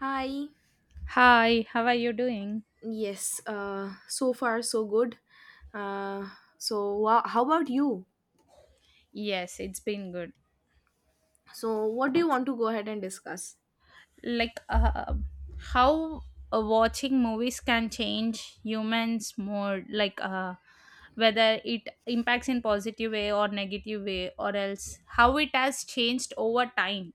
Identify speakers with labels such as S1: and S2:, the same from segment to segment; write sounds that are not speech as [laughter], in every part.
S1: Hi.
S2: Hi, how are you doing?
S1: Yes. So far, so good. Uh, so, wha How about you?
S2: Yes, it's been good.
S1: So, what do you want to go ahead and discuss?
S2: Like, how watching movies can change humans more, like, whether it impacts in positive way or negative way, or else how it has changed over time.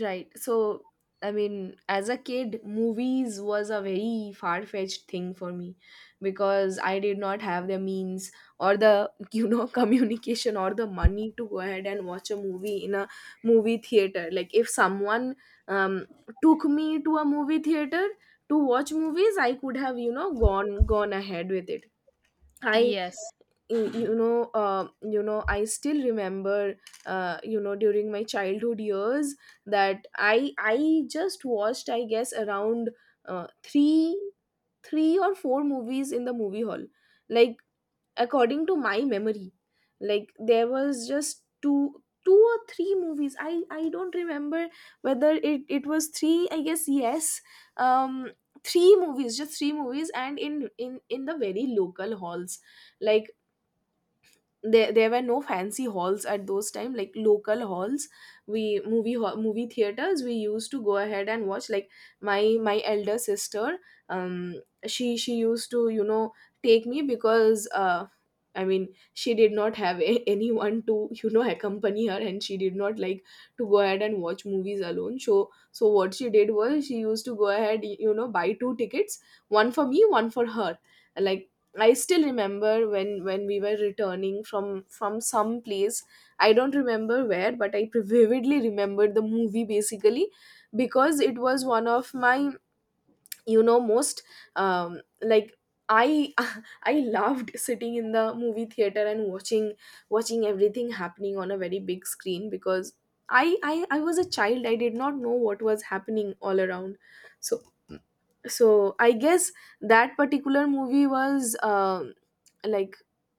S1: Right. So, I mean, as a kid, movies was a very far fetched thing for me because I did not have the means or the, [laughs] you know, communication or the money to go ahead and watch a movie in a movie theater. Like, if someone um, took me to a movie theater to watch movies, I could have, gone ahead with it. I
S2: Yes.
S1: I still remember during my childhood years that I just watched, I guess, around uh, 3 3 or 4 movies in the movie hall, like, according to my memory. Like, there was just two or three movies. I don't remember whether it was three. I guess yes. um Three movies, just three movies. And in in the very local halls. Like, there were no fancy halls at those time, like local halls. We movie theaters we used to go ahead and watch. Like, my elder sister, um she used to, take me, because I mean, she did not have [laughs] anyone to, accompany her, and she did not like to go ahead and watch movies alone. So, what she did was, she used to go ahead, buy two tickets, one for me, one for her. Like, I still remember when we were returning from some place. I don't remember where, but I vividly remembered the movie, basically, because it was one of my, most, um, like I [laughs] I loved sitting in the movie theater and watching everything happening on a very big screen, because I was a child. I did not know what was happening all around. So so, I guess that particular movie was like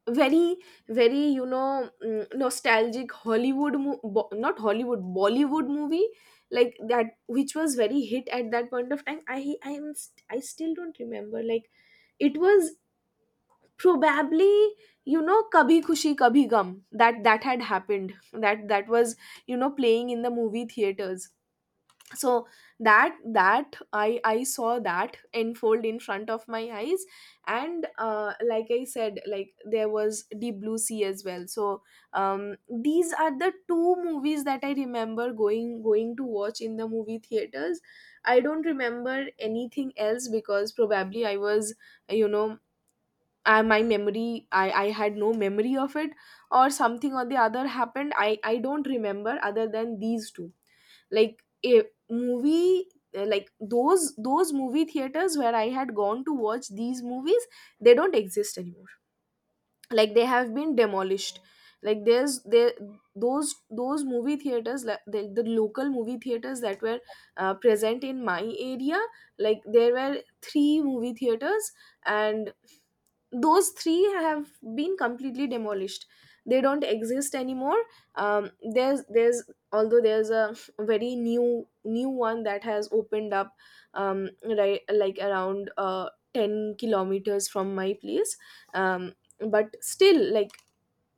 S1: very, very, nostalgic Hollywood not Hollywood, Bollywood movie. Like, that, which was very hit at that point of time. I still don't remember. Like, it was probably, Kabhi Khushi Kabhi Gum that had happened, that was, playing in the movie theaters. So that I saw that unfold in front of my eyes. And like I said, like, there was Deep Blue Sea as well. So, these are the two movies that I remember going to watch in the movie theaters. I don't remember anything else, because probably I was, you know my memory, I had no memory of it, or something or the other happened. I don't remember other than these two. like a movie like those movie theaters where I had gone to watch these movies, they don't exist anymore. Like, they have been demolished. Like there's there those movie theaters, like the local movie theaters that were present in my area. Like, there were three movie theaters, and those three have been completely demolished. They don't exist anymore. There's Although there's a very new one that has opened up, um, right, like, around 10 kilometers from my place. um, but still, like,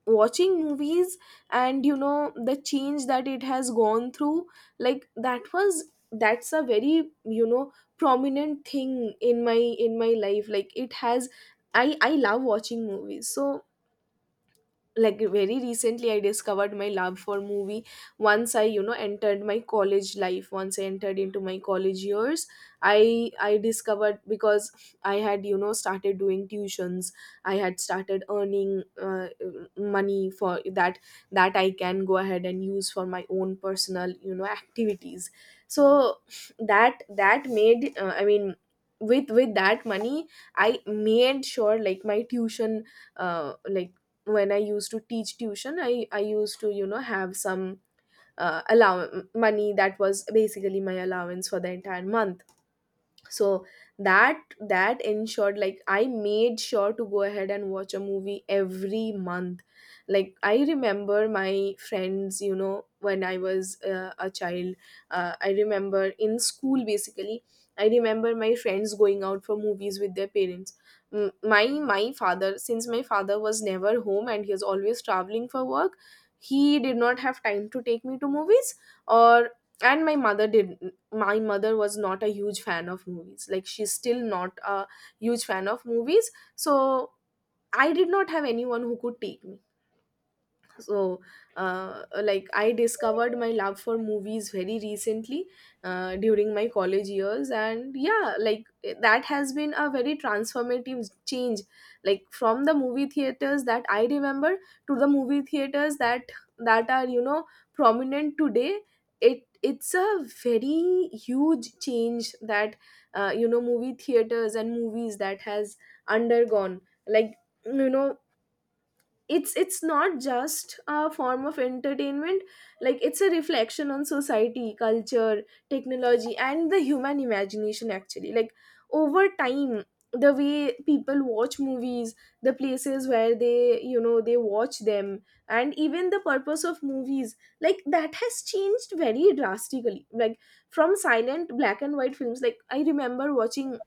S1: watching movies, and, the change that it has gone through, like, that's a very, prominent thing in my life. Like, it has, I love watching movies. So, like, very recently I discovered my love for movie. Once I, entered my college life, once I entered into my college years, I discovered, because I had, started doing tuitions. I had started earning money for that, that I can go ahead and use for my own personal, activities. So that made, I mean, with that money, I made sure, like, my tuition, like, when I used to teach tuition, I used to, have some, allow money that was basically my allowance for the entire month. So that ensured, like, I made sure to go ahead and watch a movie every month. Like, I remember my friends, when I was a child, I remember in school, basically, I remember my friends going out for movies with their parents. My father, since my father was never home and he was always traveling for work, he did not have time to take me to movies. Or And my mother did. My mother was not a huge fan of movies, like, she's still not a huge fan of movies. So I did not have anyone who could take me. So, like, I discovered my love for movies very recently, during my college years. And yeah, like, that has been a very transformative change. Like, from the movie theaters that I remember to the movie theaters that are, prominent today, it's a very huge change that, movie theaters and movies, that has undergone. Like, you know it's not just a form of entertainment. Like, it's a reflection on society, culture, technology, and the human imagination, actually. Like, over time, the way people watch movies, the places where they, they watch them, and even the purpose of movies, like, that has changed very drastically. Like, from silent black and white films, like, I remember watching,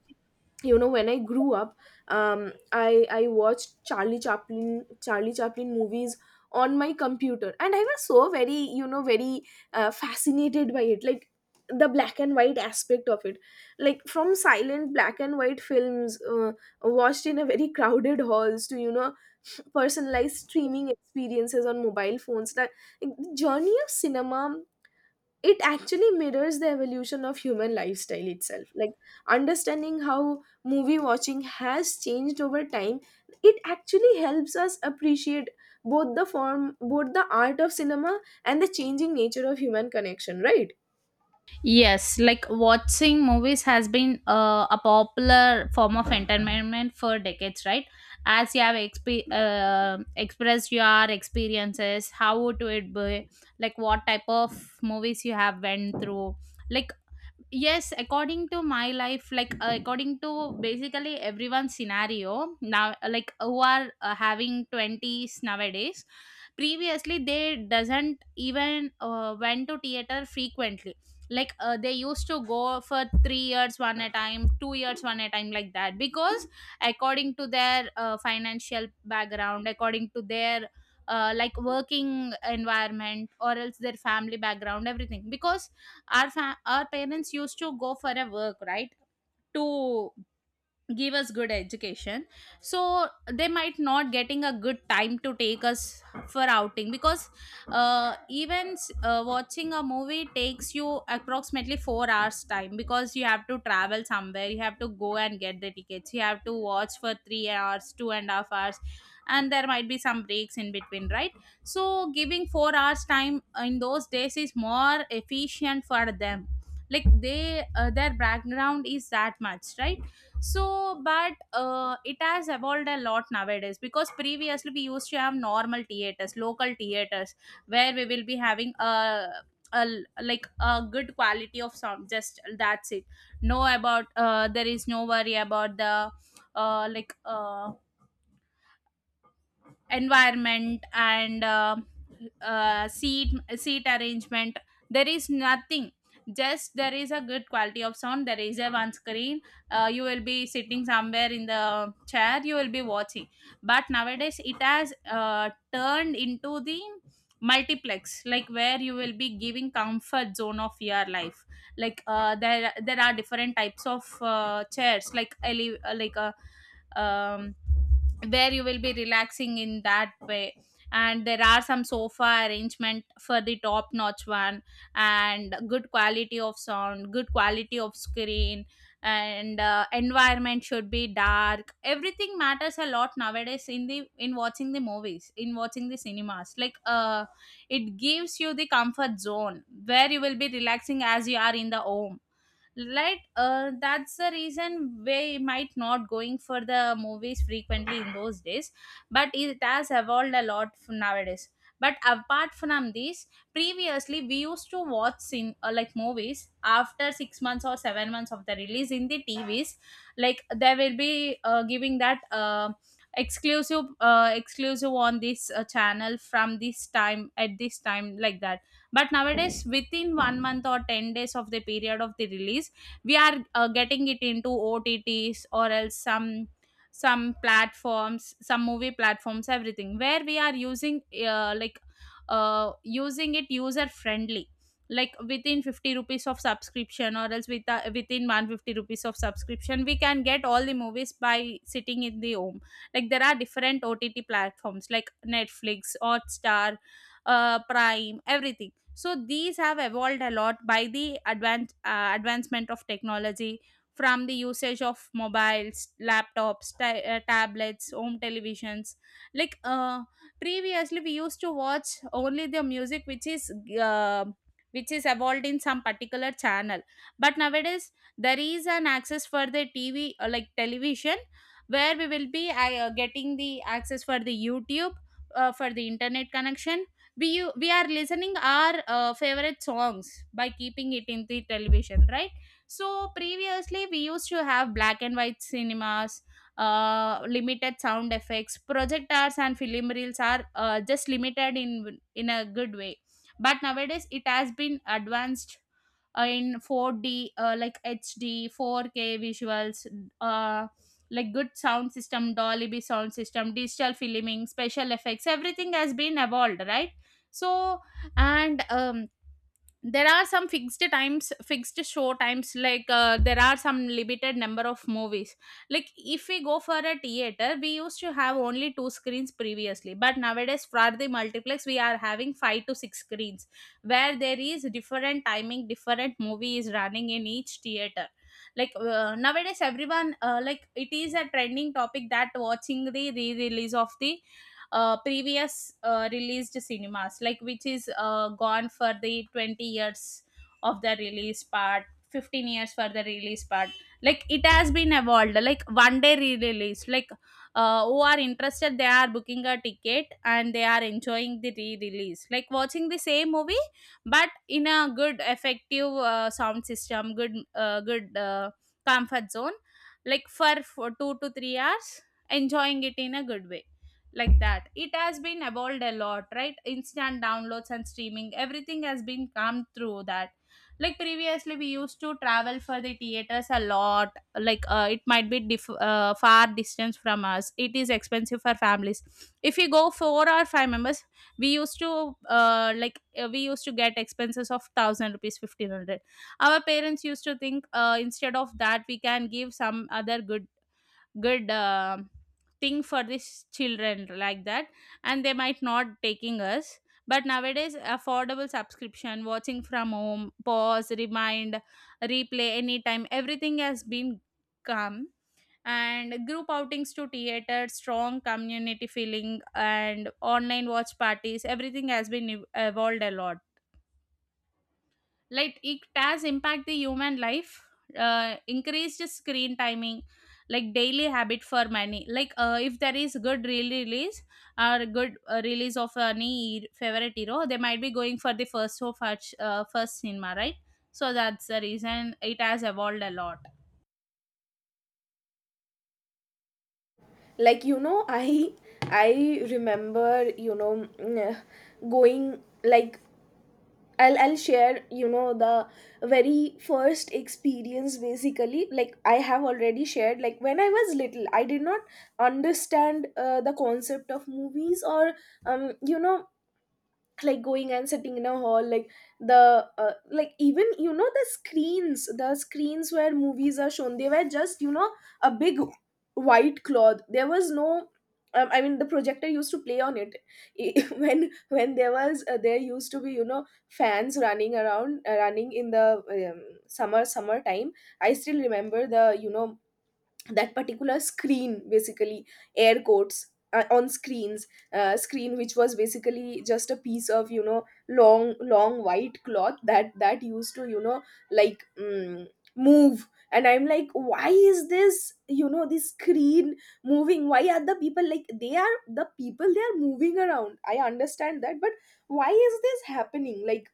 S1: when I grew up, I watched Charlie Chaplin movies on my computer, and I was so very, very, fascinated by it. Like, the black and white aspect of it. Like, from silent black and white films, watched in a very crowded halls, to, personalized streaming experiences on mobile phones, that, like, the journey of cinema, it actually mirrors the evolution of human lifestyle itself. Like, understanding how movie watching has changed over time, it actually helps us appreciate both the form, both the art of cinema, and the changing nature of human connection, right?
S2: Yes, like watching movies has been a popular form of entertainment for decades, right? As you have expressed your experiences, how would it be? Like, what type of movies you have went through? Like, yes, according to my life, like according to basically everyone's scenario now, like who are having 20s nowadays, previously they doesn't even went to theater frequently, like they used to go for 3 years one at a time, 2 years one at a time like that, because according to their financial background, according to their like working environment or else their family background, everything. Because our our parents used to go for a work, right? To give us good education. So they might not getting a good time to take us for outing, because even watching a movie takes you approximately 4 hours time, because you have to travel somewhere, you have to go and get the tickets, you have to watch for 3 hours, two and a half hours, and there might be some breaks in between, right? So giving 4 hours time in those days is more efficient for them. Like, they their background is that much, right? So but it has evolved a lot nowadays, because previously we used to have normal theaters, local theaters, where we will be having a like a good quality of sound, just that's it. No, about there is no worry about the like environment and seat arrangement, there is nothing. Just there is a good quality of sound, there is a one screen. You will be sitting somewhere in the chair, you will be watching. But nowadays it has turned into the multiplex, like where you will be giving comfort zone of your life. Like there are different types of chairs, like like a um, where you will be relaxing in that way. And there are some sofa arrangement for the top notch one, and good quality of sound, good quality of screen, and environment should be dark. Everything matters a lot nowadays, in watching the movies, in watching the cinemas, like it gives you the comfort zone where you will be relaxing as you are in the home. Like that's the reason we might not going for the movies frequently in those days, but it has evolved a lot from nowadays. But apart from this, previously we used to watch in like movies after 6 months or 7 months of the release in the TVs. Like, they will be giving that exclusive on this channel from this time at this time like that. But nowadays, within one month or 10 days of the period of the release, we are getting it into OTTs or else some platforms, some movie platforms, everything, where we are using like using it user friendly. Like within 50 rupees of subscription or else with within 150 rupees of subscription, we can get all the movies by sitting in the home. Like, there are different OTT platforms like Netflix, Hotstar, Prime, everything. So these have evolved a lot by the advancement of technology, from the usage of mobiles, laptops, tablets, home televisions. Like previously we used to watch only the music uh, which is evolved in some particular channel. But nowadays there is an access for the TV, like television, where we will be getting the access for the YouTube, for the internet connection. We are listening our favorite songs by keeping it in the television, right? So previously we used to have black and white cinemas, limited sound effects, projectors and film reels are just limited in a good way. But nowadays it has been advanced in 4D, like HD 4K visuals, uh, like good sound system, Dolby sound system, digital filming, special effects, everything has been evolved, right? So, and there are some fixed times, fixed show times, like there are some limited number of movies. Like, if we go for a theater, we used to have only two screens previously, but nowadays for the multiplex we are having five to six screens, where there is different timing, different movie is running in each theater. Like nowadays everyone like it is a trending topic that watching the re-release of the previous released cinemas, like which is gone for the 20 years of the release part, 15 years for the release part. Like, it has been evolved like one day re-release. Like who are interested they are booking a ticket and they are enjoying the re-release, like watching the same movie but in a good effective sound system, good comfort zone, like for 2 to 3 hours, enjoying it in a good way. Like that, it has been evolved a lot, right? Instant downloads and streaming, everything has been come through that. Like, previously we used to travel for the theaters a lot. Like it might be far distance from us, it is expensive for families. If we go four or five members, we used to like we used to get expenses of 1000 rupees, 1500. Our parents used to think instead of that we can give some other good good thing for these children, like that, and they might not taking us. But nowadays affordable subscription, watching from home, pause, remind, replay anytime, everything has been come. And group outings to theater, strong community feeling, and online watch parties, everything has been evolved a lot. Like, it has impact the human life, increased screen timing, like daily habit for many. Like if there is good real release or good release of any favorite hero, they might be going for the first show, first cinema, right? So that's the reason it has evolved a lot.
S1: Like, I remember, going, like, I'll share, the very first experience, basically. Like, I have already shared, like, when I was little, I did not understand the concept of movies, or, um you know like, going and sitting in a hall. Like, the like, even, the screens, the screens where movies are shown, they were just, a big white cloth. There was no, I mean, the projector used to play on it. [laughs] When there was there used to be, fans running around, running in the, summer time. I still remember the, that particular screen, basically. Air quotes, on screens screen, which was basically just a piece of, long white cloth that used to, like mm, move. And I'm like, why is this, this screen moving? Why are the people, like, they are the people, they are moving around, I understand that, but why is this happening? Like,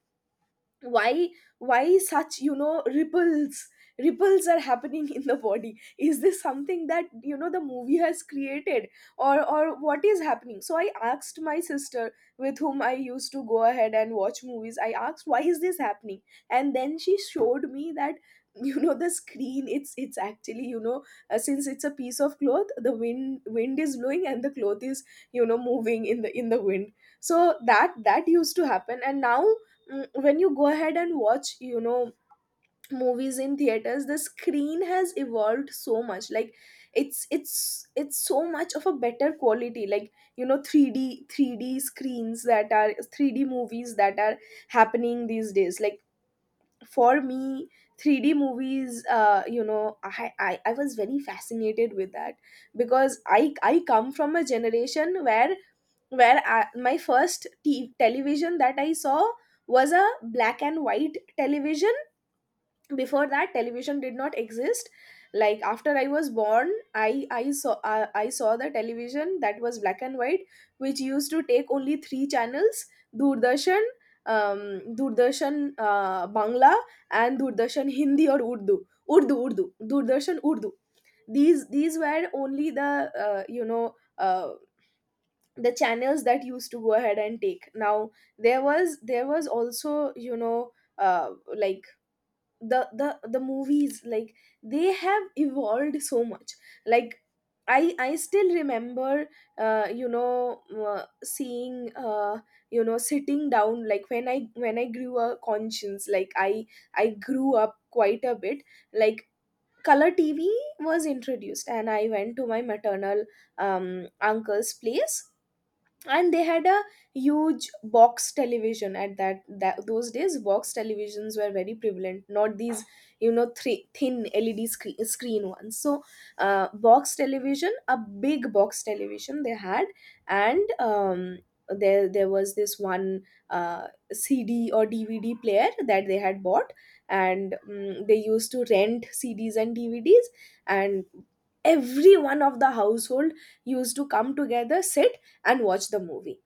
S1: why, such, ripples, are happening in the body? Is this something that, the movie has created, or what is happening? So I asked my sister, with whom I used to go ahead and watch movies, I asked, why is this happening? And then she showed me that, the screen, it's actually, since it's a piece of cloth, the wind is blowing, and the cloth is, moving in the wind. So that used to happen. And now, when you go ahead and watch, movies in theaters, the screen has evolved so much. Like, it's so much of a better quality, like, 3d screens that are 3D movies that are happening these days. Like, for me, 3D movies, I was very fascinated with that, because I come from a generation where my first television that I saw was a black and white television. Before that, television did not exist. Like, after I was born, I saw the television that was black and white, which used to take only three channels. Doordarshan, Doordarshan Bangla, and Doordarshan Hindi, or urdu urdu urdu Doordarshan Urdu. These were only the, uh, you know uh, the channels that used to go ahead and take. Now, there was also, you know uh, like, the movies, like, they have evolved so much. Like, I still remember, uh, you know seeing you know sitting down, like, when I when I grew a conscience. Like, I grew up quite a bit, like color TV was introduced, and I went to my maternal uncle's place, and they had a huge box television at that, those days box televisions were very prevalent, not these, you know, three thin LED screen ones. So box television, a big box television they had. And there was this one uh, CD or DVD player that they had bought. And mm, they used to rent CDs and DVDs, and everyone of the household used to come together, sit, and watch the movie.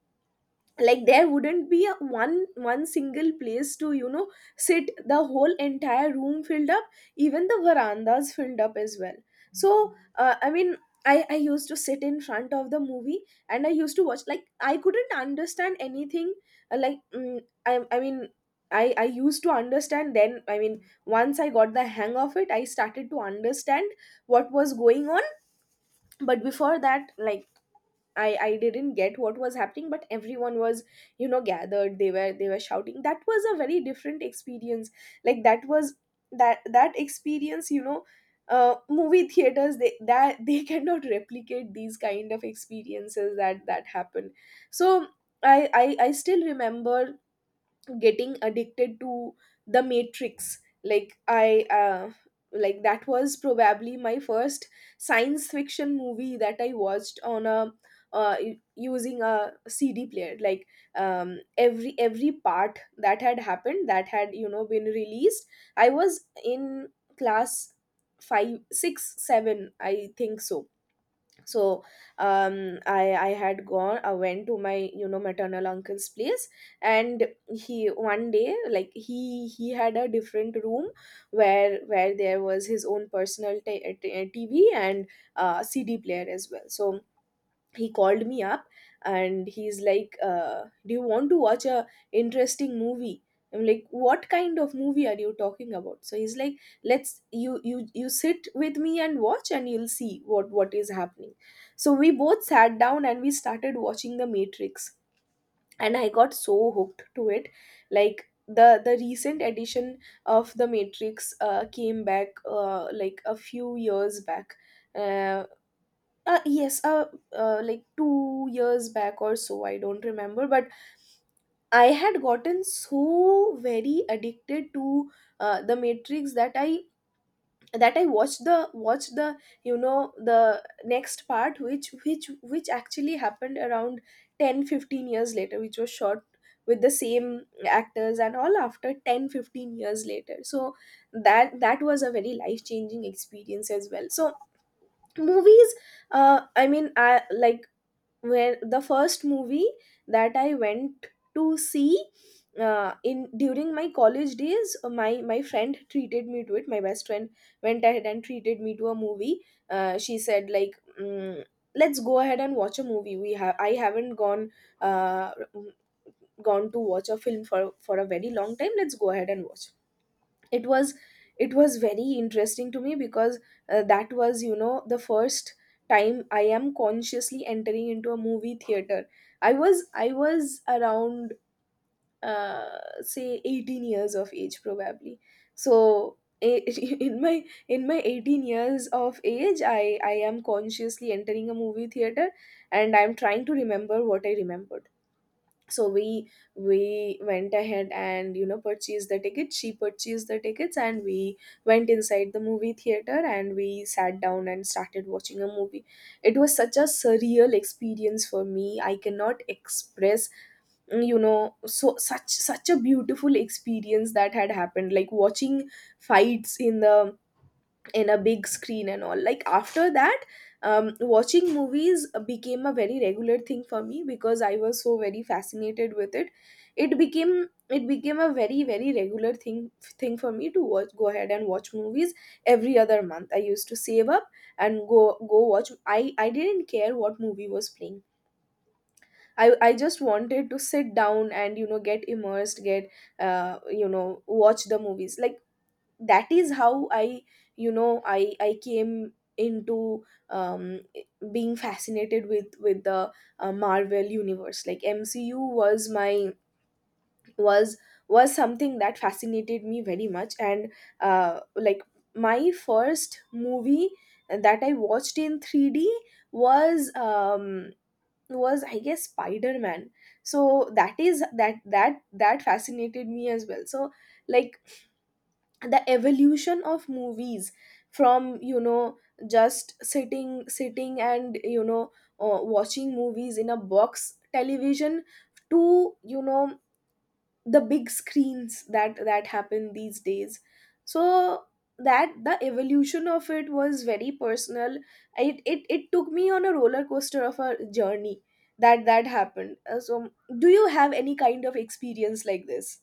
S1: Like, there wouldn't be a one single place to, you know, sit. The whole entire room filled up, even the verandas filled up as well. So I used to sit in front of the movie, and I used to watch. Like, I couldn't understand anything. uh, like mm, I, I mean I used to understand. Then, I mean, once I got the hang of it, I started to understand what was going on. But before that, like, I didn't get what was happening, but everyone was, you know, gathered. They were shouting. That was a very different experience. Like, that was, that experience, you know, movie theaters, they that [laughs] they cannot replicate these kind of experiences that happen. So I still remember getting addicted to the Matrix. Like, I like that was probably my first science fiction movie that I watched on a using a CD player. Like every part that had happened, that had, you know, been released. I was in class 5, 6, 7, I think so. So I had gone I went to my, you know, maternal uncle's place. And he one day, like he had a different room where there was his own personal TV and CD player as well. So he called me up, and he's like, "Do you want to watch a interesting movie?" I'm like, "What kind of movie are you talking about?" So he's like, let's You you sit with me and watch, and you'll see what is happening." So we both sat down and we started watching the Matrix, and I got so hooked to it. Like, the recent edition of the Matrix came back like a few years back. uh, yes, like 2 years back or so, I don't remember. But I had gotten so very addicted to the Matrix that I watched the, you know, the next part, which which actually happened around 10, 15 years later, which was shot with the same actors and all after 10, 15 years later. So that was a very life changing experience as well. So movies, I mean I like where the first movie that I went to see in during my college days, my friend treated me to it. My best friend went ahead and treated me to a movie. She said like. Mm, "Let's go ahead and watch a movie. We have, I haven't gone uh, gone to watch a film for a very long time. Let's go ahead and watch." It was, it was very interesting to me, because that was, you know, the first time I am consciously entering into a movie theater. I was around say 18 years of age probably. So I- [laughs] in my, in my 18 years of age, I am consciously entering a movie theater, and I'm trying to remember what I remembered. So we went ahead and, you know, purchased the tickets. She purchased the tickets, and we went inside the movie theater and we sat down and started watching a movie. It was such a surreal experience for me, I cannot express. Mm, you know, so such a beautiful experience that had happened, like watching fights in the, in a big screen and all. Like after that, watching movies became a very regular thing for me, because I was so very fascinated with it. It became, it became a very regular thing for me to watch, go ahead and watch movies. Every other month I used to save up and go, go watch. I didn't care what movie was playing. I just wanted to sit down and, you know, get immersed, get you know, watch the movies. Like, that is how I, you know, I came into um being fascinated with the Marvel universe. Like MCU was my, was was something that fascinated me very much. And like my first movie that I watched in 3D was was, I guess, Spider-Man. So that is that, that fascinated me as well. So like the evolution of movies, from, you know, just sitting and, you know, watching movies in a box television, to, you know, the big screens that happen these days. So that the evolution of it was very personal. It took me on a roller coaster of a journey that happened. So do you have any kind of experience like this?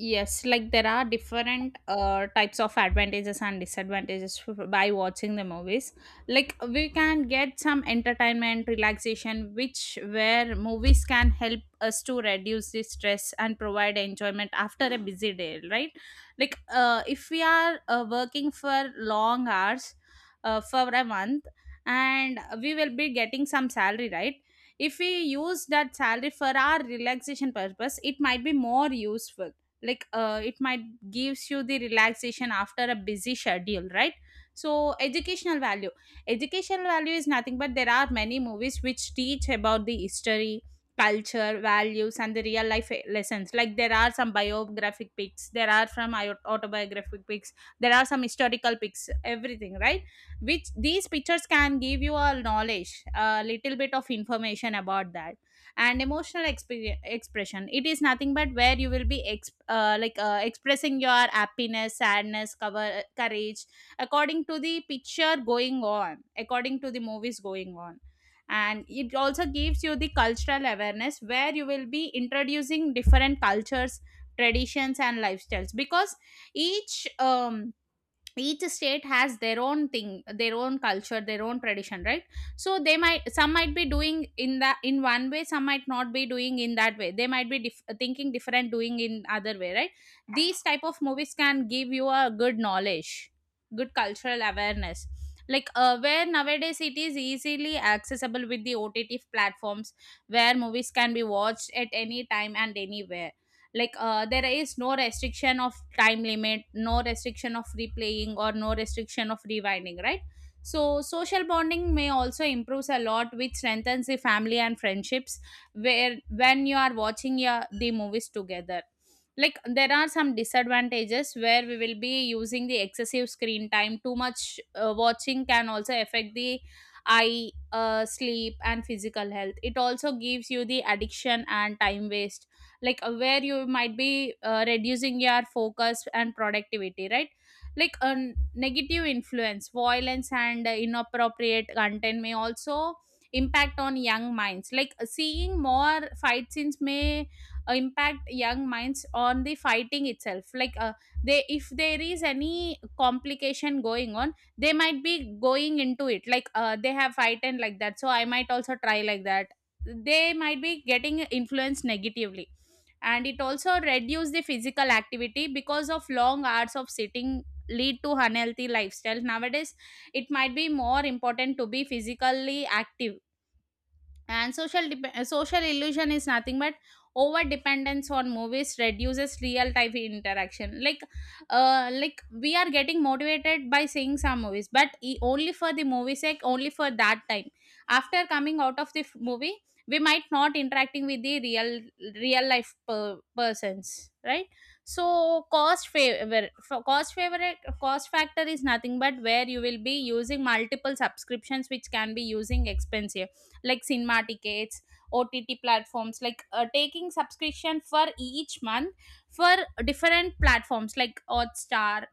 S2: Yes, like there are different types of advantages and disadvantages by watching the movies. Like, we can get some entertainment, relaxation, which where movies can help us to reduce the stress and provide enjoyment after a busy day, right? Like if we are working for long hours for a month, and we will be getting some salary, right? If we use that salary for our relaxation purpose, it might be more useful. Like it might gives you the relaxation after a busy schedule, right? So educational value, educational value is nothing but there are many movies which teach about the history, culture, values and the real life lessons. Like, there are some biographic pics, there are from autobiographic pics, there are some historical pics, everything, right? Which these pictures can give you a knowledge, a little bit of information about that. And emotional expression, it is nothing but where you will be like expressing your happiness, sadness, courage according to the picture going on, according to the movies going on. And it also gives you the cultural awareness, where you will be introducing different cultures, traditions and lifestyles, because each um, each state has their own thing, their own culture, their own tradition, right? So they might, some might be doing in that in one way, some might not be doing in that way, they might be thinking different, doing in other way, right? These type of movies can give you a good knowledge, good cultural awareness. Like where nowadays it is easily accessible with the OTT platforms, where movies can be watched at any time and anywhere. Like there is no restriction of time limit, no restriction of replaying, or no restriction of rewinding, right? So social bonding may also improves a lot, which strengthens the family and friendships, where when you are watching the movies together. Like, there are some disadvantages where we will be using the excessive screen time, too much watching can also affect the eye, sleep and physical health. It also gives you the addiction and time waste. Like where you might be reducing your focus and productivity, right? Like a negative influence, violence and inappropriate content may also impact on young minds. Like seeing more fight scenes may impact young minds on the fighting itself. Like they, if there is any complication going on, they might be going into it. Like they have fight and like that, so I might also try like that, they might be getting influenced negatively. And it also reduce the physical activity because of long hours of sitting lead to unhealthy lifestyle nowadays. It might be more important to be physically active. And social social illusion is nothing but over dependence on movies reduces real time interaction. Like we are getting motivated by seeing some movies but only for the movie sake, only for that time, after coming out of the movie we might not interacting with the real life persons, right? So cost favor for cost favorite cost factor is nothing but where you will be using multiple subscriptions which can be using expensive. Like cinema tickets, OTT platforms, like taking subscription for each month for different platforms like Hotstar,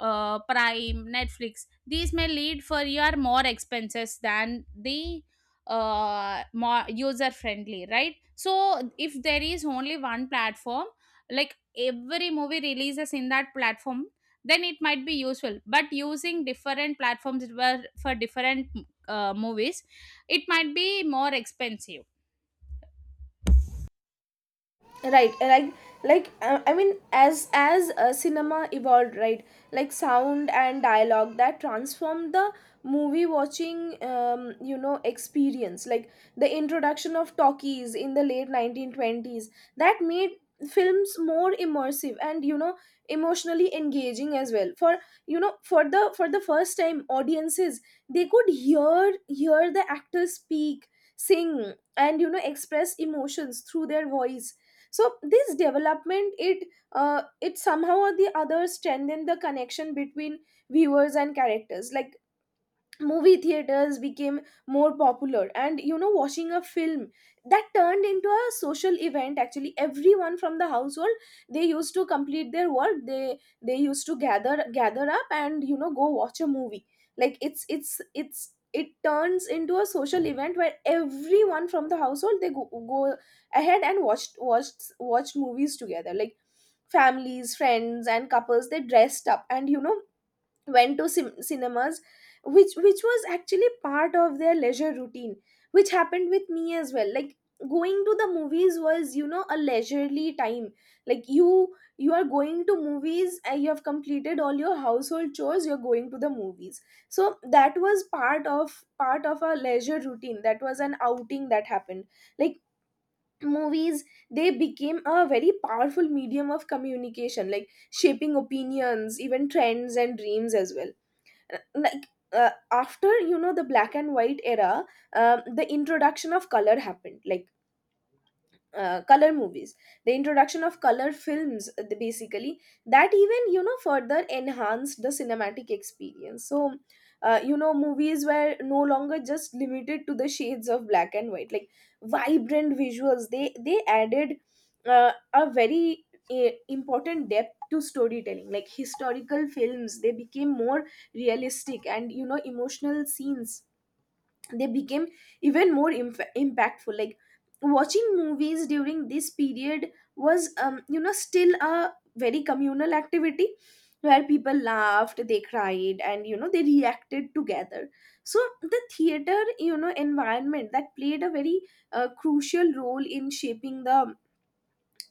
S2: Prime, Netflix. These may lead for your more expenses than the more user friendly, right? So if there is only one platform like every movie releases in that platform, then it might be useful. But using different platforms were for different movies, it might be more expensive.
S1: Right, like, as cinema evolved, right? Like sound and dialogue, that transformed the movie watching, you know, experience. Like the introduction of talkies in the late 1920s, that made films more immersive and, you know, emotionally engaging as well. For, you know, for the first time, audiences they could hear the actors speak, sing, and, you know, express emotions through their voice. So this development, it, it somehow or the other strengthen the connection between viewers and characters. Like movie theaters became more popular, and, you know, watching a film, that turned into a social event. Actually, everyone from the household, they used to complete their work, they used to gather up and, you know, go watch a movie. Like, it's, it turns into a social event where everyone from the household, they go ahead and watched movies together. Like families, friends, and couples, they dressed up and, you know, went to cinemas, which was actually part of their leisure routine. Which happened with me as well, like going to the movies was, you know, a leisurely time. Like, you are going to movies, and you have completed all your household chores, you're going to the movies. So that was part of our leisure routine. That was an outing that happened. Like, movies, they became a very powerful medium of communication, like shaping opinions, even trends and dreams as well. Like, after, you know, the black and white era, the introduction of color happened. Like, color movies, the introduction of color films, basically, that even, you know, further enhanced the cinematic experience. So, you know, movies were no longer just limited to the shades of black and white. Like, vibrant visuals, they added a very important depth to storytelling. Like historical films, they became more realistic, and, you know, emotional scenes, they became even more impactful. Like, watching movies during this period was, you know, still a very communal activity, where people laughed, they cried, and, you know, they reacted together. So the theater, you know, environment, that played a very crucial role in shaping the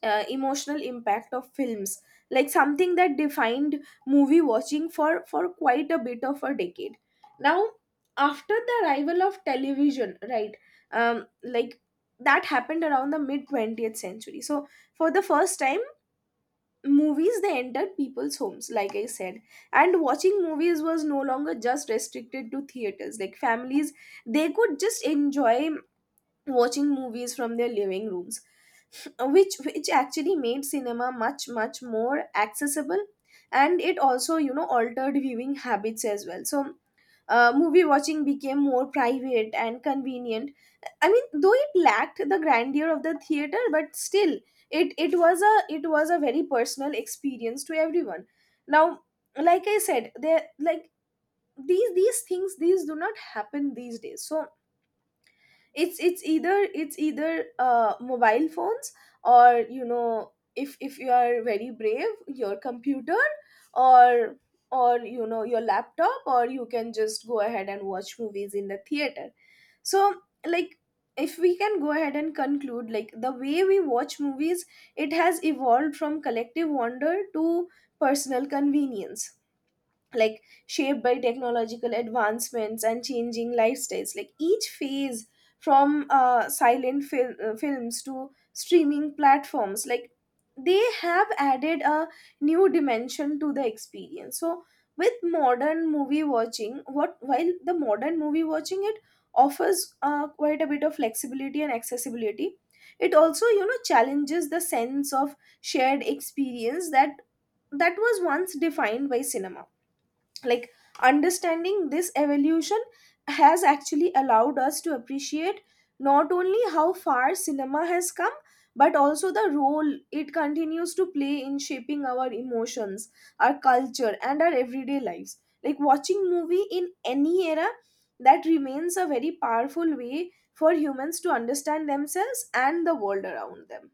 S1: emotional impact of films. Like something that defined movie watching for quite a bit of a decade. Now, after the arrival of television, right, like, that happened around the mid 20th century. So for the first time, movies, they entered people's homes, like I said. And watching movies was no longer just restricted to theaters. Like families, they could just enjoy watching movies from their living rooms, which actually made cinema much more accessible. And it also, you know, altered viewing habits as well. So, movie watching became more private and convenient. I mean, though it lacked the grandeur of the theater, but still, it was a, it was a very personal experience to everyone. Now, like I said, there, like, these things, these do not happen these days. So it's either mobile phones, or, you know, if you are very brave, your computer, or or, you know, your laptop. Or you can just go ahead and watch movies in the theater. So, like, if we can go ahead and conclude, like, the way we watch movies, it has evolved from collective wonder to personal convenience, like shaped by technological advancements and changing lifestyles. Like each phase, from films to streaming platforms, like, they have added a new dimension to the experience. So, with modern movie watching what while the modern movie watching, it offers quite a bit of flexibility and accessibility, it also, you know, challenges the sense of shared experience that was once defined by cinema. Like, understanding this evolution has actually allowed us to appreciate not only how far cinema has come, but also the role it continues to play in shaping our emotions, our culture, and our everyday lives. Like watching movie in any era, that remains a very powerful way for humans to understand themselves and the world around them.